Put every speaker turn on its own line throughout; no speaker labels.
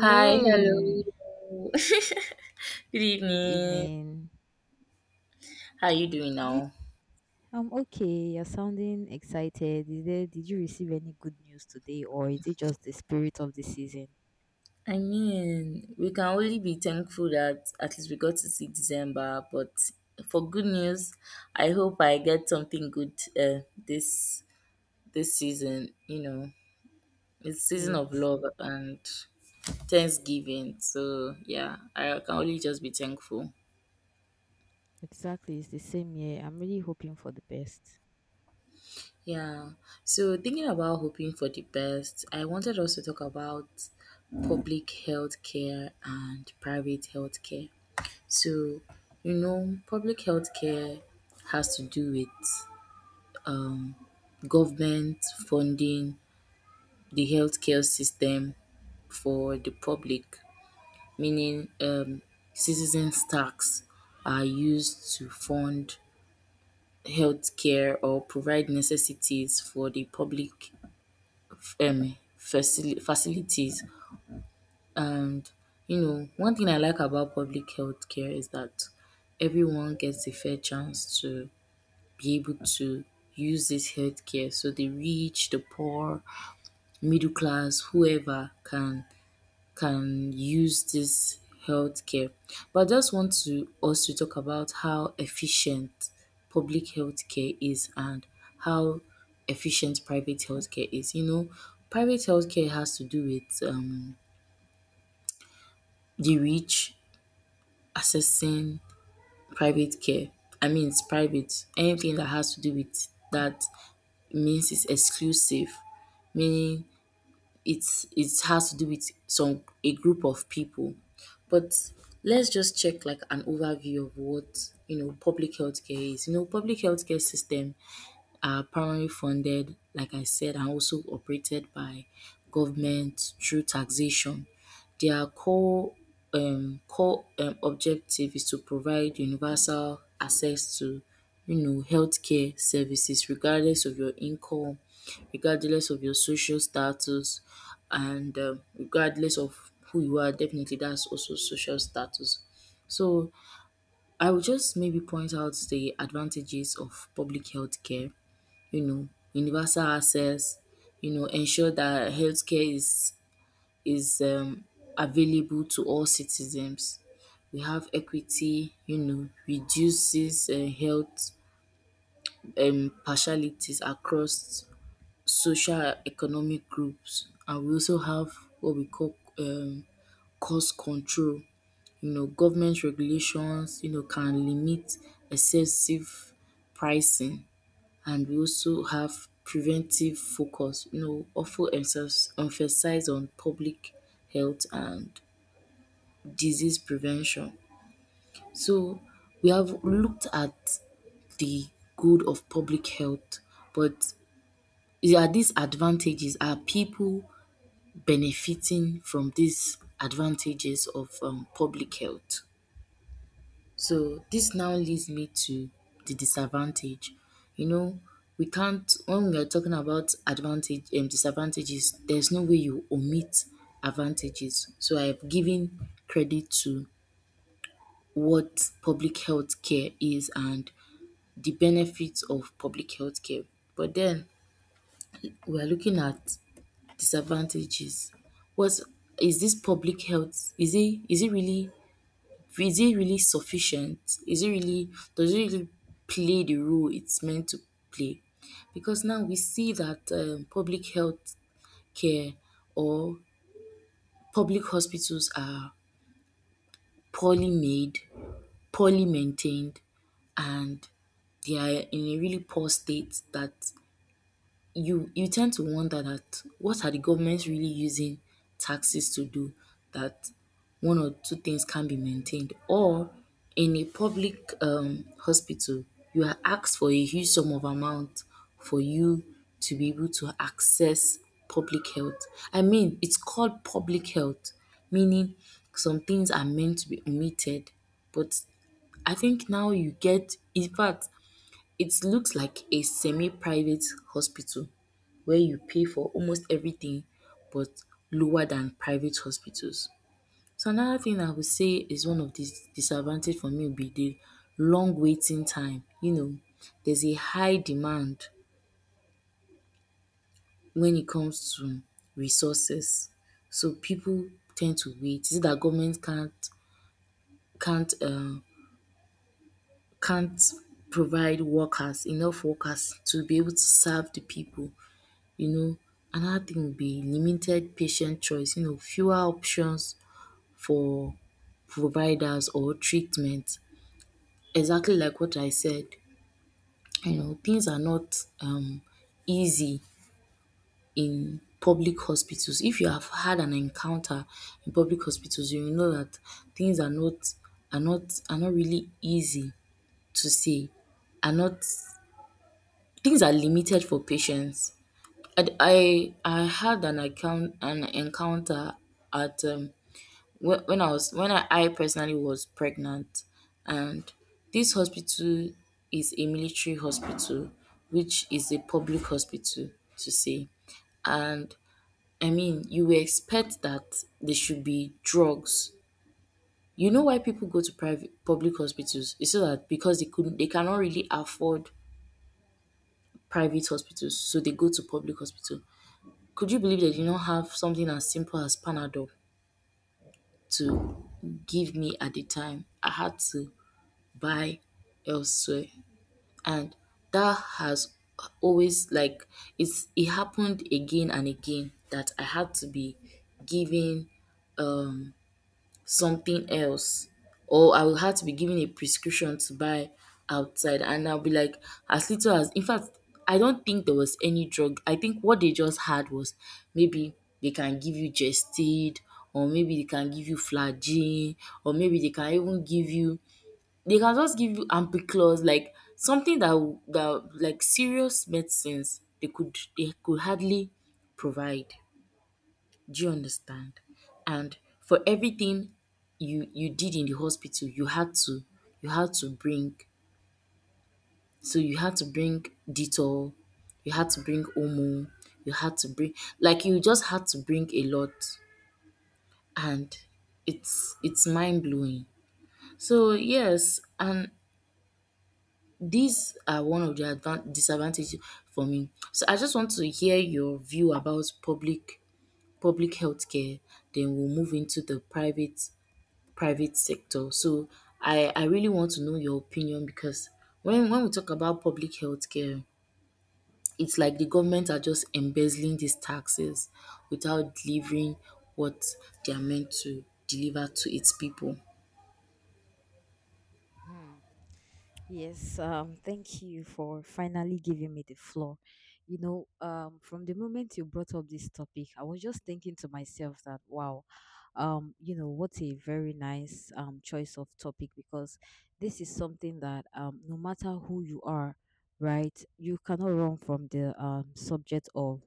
Hi, hello. Good
Good
evening.
evening.
How are you doing
Did,
now?
I'm okay. You're sounding excited. Did you receive any good news today, or is it just the spirit of the season?
We can only be thankful that at least we got to see December. But for good news, I hope I get something good uh, this this season. It's season of
Yes,
love and Thanksgiving. So yeah, I can only just be thankful.
exactly. It's the same year. I'm really hoping for the best.
Yeah. So thinking about hoping for the best, I wanted us to talk about public health care and private health care. So, public health care has to do with government funding the healthcare system for the public, meaning citizens' tax are used to fund healthcare or provide necessities for the public facilities. And one thing I like about public health care is that everyone gets a fair chance to be able to use this health care. So the rich, the poor, middle class, whoever can use this healthcare. But I just want to us to talk about how efficient public healthcare is and how efficient private healthcare is. Private healthcare has to do with the rich accessing private care. I mean, it's private. Anything that has to do with that means it's exclusive, meaning it has to do with some a group of people. But let's just check like an overview of what public health care is. You know, public health care system are primarily funded, like I said, and also operated by government through taxation. Their core objective is to provide universal access to healthcare services regardless of your income, regardless of your social status, and regardless of who you are. Definitely, that's also social status. So I will just maybe point out the advantages of public health care. you know, Universal access, ensure that healthcare is available to all citizens. We have equity, reduces health partialities across social economic groups, and we also have what we call cost control. Government regulations, can limit excessive pricing, and we also have preventive focus, often emphasize on public health and disease prevention. So we have looked at the good of public health, but are these advantages? Are people benefiting from these advantages of public health? So this now leads me to the disadvantage. You know, we can't. When we are talking about advantage and disadvantages, there's no way you omit advantages. So I've given credit to what public health care is and the benefits of public health care. But then we are looking at disadvantages. What's is this public health, is it really, is it really sufficient? Is it really, does it really play the role it's meant to play? Because now we see that public health care or public hospitals are poorly made, poorly maintained, and they are in a really poor state that you tend to wonder that what are the governments really using taxes to do, that one or two things can be maintained, or in a public hospital you are asked for a huge sum of amount for you to be able to access public health. I mean, it's called public health, meaning some things are meant to be omitted. But I think now you get, in fact, it looks like a semi-private hospital where you pay for almost everything but lower than private hospitals. So another thing I would say is one of the disadvantage for me would be the long waiting time. You know, there's a high demand when it comes to resources. So people tend to wait. Is it that government can't uh can't provide workers, enough workers to be able to serve the people. You know, another thing would be limited patient choice, fewer options for providers or treatment. Exactly like what I said, things are not easy in public hospitals. If you have had an encounter in public hospitals, you will know that things are not are not really easy to say. Are not, things are limited for patients. I had an encounter at when I personally was pregnant, and this hospital is a military hospital, which is a public hospital to say, and I mean you would expect that there should be drugs. You know why people go to private public hospitals? It's so that because they cannot really afford private hospitals, so they go to public hospital. Could you believe they did not have something as simple as Panadol to give me at the time? I had to buy elsewhere. And that has always, it happened again and again that I had to be given um something else, or I will have to be given a prescription to buy outside, and I'll be like, as little as, in fact, I don't think there was any drug. I think what they just had was maybe they can give you Gestid, or maybe they can give you Flagyl, or maybe they can even give you they can just give you Ampiclox, like something that will that like serious medicines they could hardly provide. Do you understand? And for everything you did in the hospital, you had to, you had to bring so you had to bring Dettol, you had to bring Omo, you had to bring, like you just had to bring a lot, and it's mind blowing. So yes, and these are one of the disadvantages for me. So I just want to hear your view about public healthcare. Then we'll move into the private sector. So I really want to know your opinion, because when we talk about public health care, it's like the government are just embezzling these taxes without delivering what they are meant to deliver to its people.
Hmm. Yes, thank you for finally giving me the floor. You know, from the moment you brought up this topic, I was just thinking to myself that, wow, you know, what a very nice choice of topic because this is something that no matter who you are, right, you cannot run from the subject of,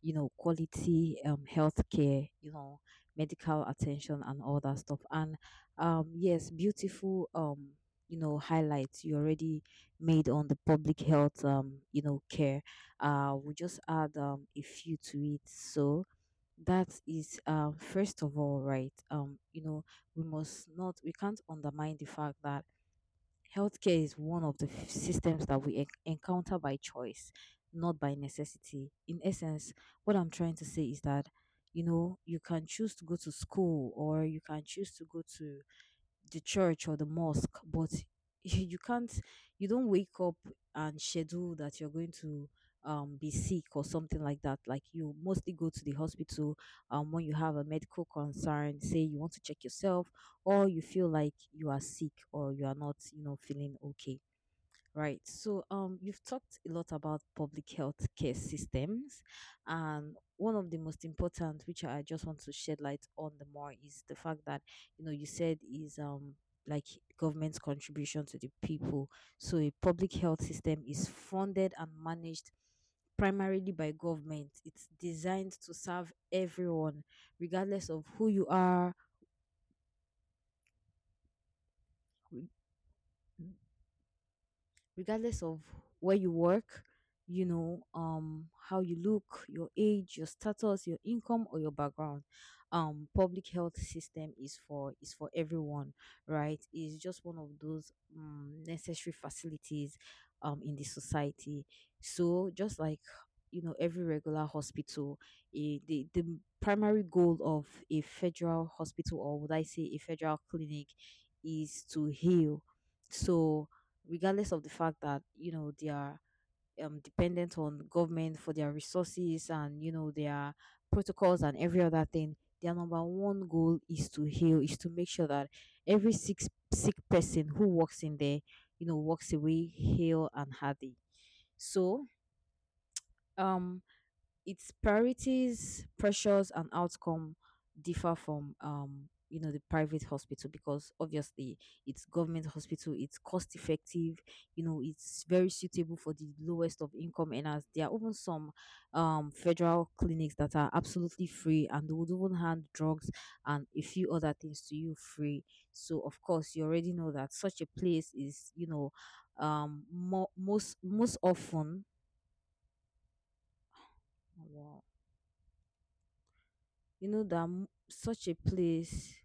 you know, quality healthcare, you know, medical attention and all that stuff. And yes, beautiful. You know highlights you already made on the public health you know care we'll just add a few to it. So that is first of all, right, you know, we must not we can't undermine the fact that healthcare is one of the systems that we encounter by choice, not by necessity. In essence, what I'm trying to say is that, you know, you can choose to go to school or you can choose to go to the church or the mosque, but you can't, you don't wake up and schedule that you're going to be sick or something like that. Like you mostly go to the hospital when you have a medical concern, say you want to check yourself, or you feel like you are sick or you are not, you know, feeling okay. Right. So, you've talked a lot about public health care systems, and one of the most important, which I just want to shed light on the more, is the fact that you know you said is like government's contribution to the people. So, a public health system is funded and managed primarily by government. It's designed to serve everyone, regardless of who you are, regardless of where you work, you know, how you look, your age, your status, your income, or your background. Public health system is for everyone, right? It's just one of those necessary facilities in the society. So just like, you know, every regular hospital, eh, the primary goal of a federal hospital, or would I say a federal clinic, is to heal. So regardless of the fact that you know they are dependent on government for their resources and you know their protocols and every other thing, their number one goal is to heal, is to make sure that every six sick person who walks in there, you know, walks away heal and healthy. So um its priorities, pressures, and outcome differ from you know the private hospital, because obviously it's government hospital, it's cost effective, you know, it's very suitable for the lowest of income earners. There are even some federal clinics that are absolutely free and they would even hand drugs and a few other things to you free. So of course you already know that such a place is, you know, most often. Oh, wow. You know that such a place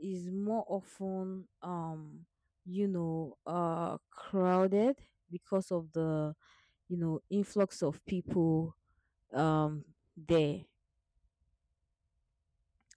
is more often you know crowded because of the, you know, influx of people um there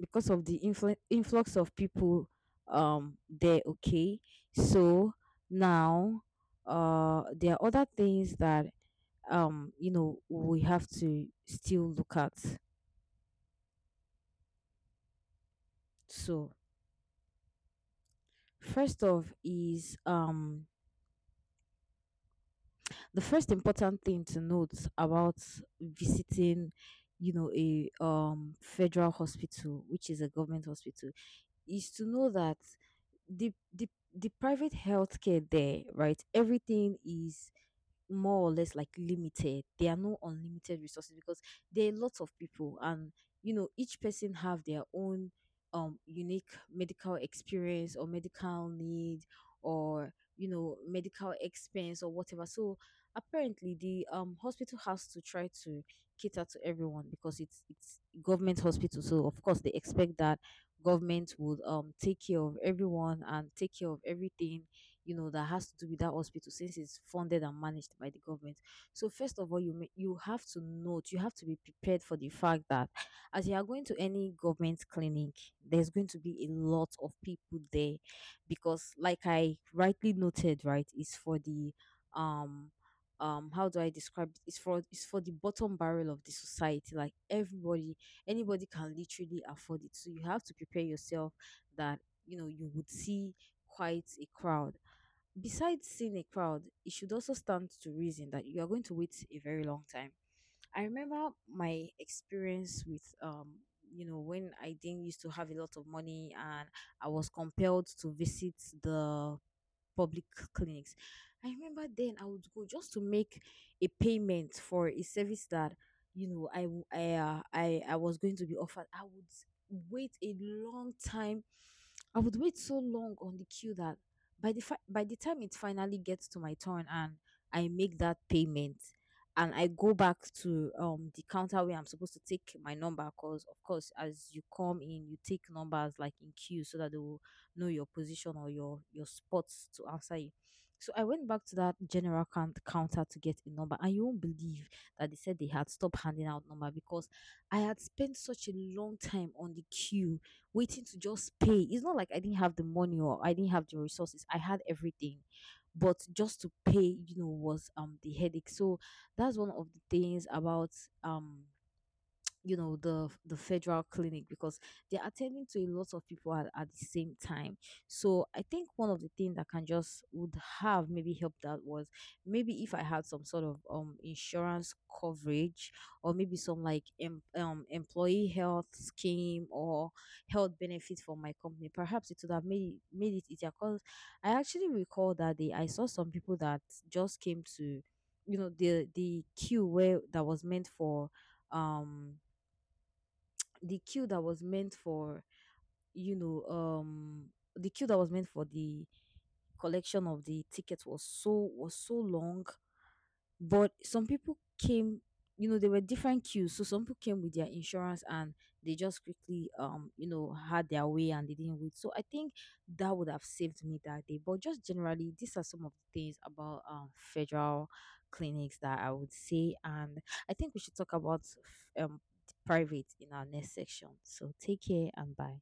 because of the influ- influx of people there okay. So now, there are other things that you know we have to still look at. So first off is the first important thing to note about visiting, you know, a federal hospital, which is a government hospital, is to know that the the the private healthcare there, right? Everything is more or less like limited. There are no unlimited resources because there are lots of people and you know each person have their own unique medical experience or medical need or you know medical expense or whatever. So apparently the hospital has to try to cater to everyone because it's government hospital. So of course they expect that government would take care of everyone and take care of everything, you know, that has to do with that hospital since it's funded and managed by the government. So first of all you may, you have to note, you have to be prepared for the fact that as you are going to any government clinic, there's going to be a lot of people there because like I rightly noted, right, it's for the um how do I describe it? It's for it's for the bottom barrel of the society. Like everybody, anybody can literally afford it, so you have to prepare yourself that, you know, you would see quite a crowd. Besides seeing a crowd, it should also stand to reason that you are going to wait a very long time. I remember my experience with you know when I didn't used to have a lot of money and I was compelled to visit the public clinics. I remember then I would go just to make a payment for a service that, you know, I w- I was going to be offered. I would wait a long time. I would wait so long on the queue that by the time it finally gets to my turn and I make that payment and I go back to the counter where I'm supposed to take my number, because of course as you come in you take numbers like in queue so that they will know your position or your spots to answer you. So I went back to that general counter to get a number, and you won't believe that they said they had stopped handing out number because I had spent such a long time on the queue waiting to just pay. It's not like I didn't have the money or I didn't have the resources. I had everything, but just to pay, you know, was the headache. So that's one of the things about um you know the federal clinic because they're attending to a lot of people at the same time. So I think one of the things that can just would have maybe helped out was maybe if I had some sort of insurance coverage, or maybe some like employee health scheme or health benefits for my company. Perhaps it would have made it easier, because I actually recall that day I saw some people that just came to, you know, the queue where that was meant for um the queue that was meant for you know the queue that was meant for the collection of the tickets was so long. But some people came, you know, there were different queues, so some people came with their insurance and they just quickly you know had their way and they didn't wait. So I think that would have saved me that day. But just generally these are some of the things about federal clinics that I would say, and I think we should talk about private in our next section. So take care and bye.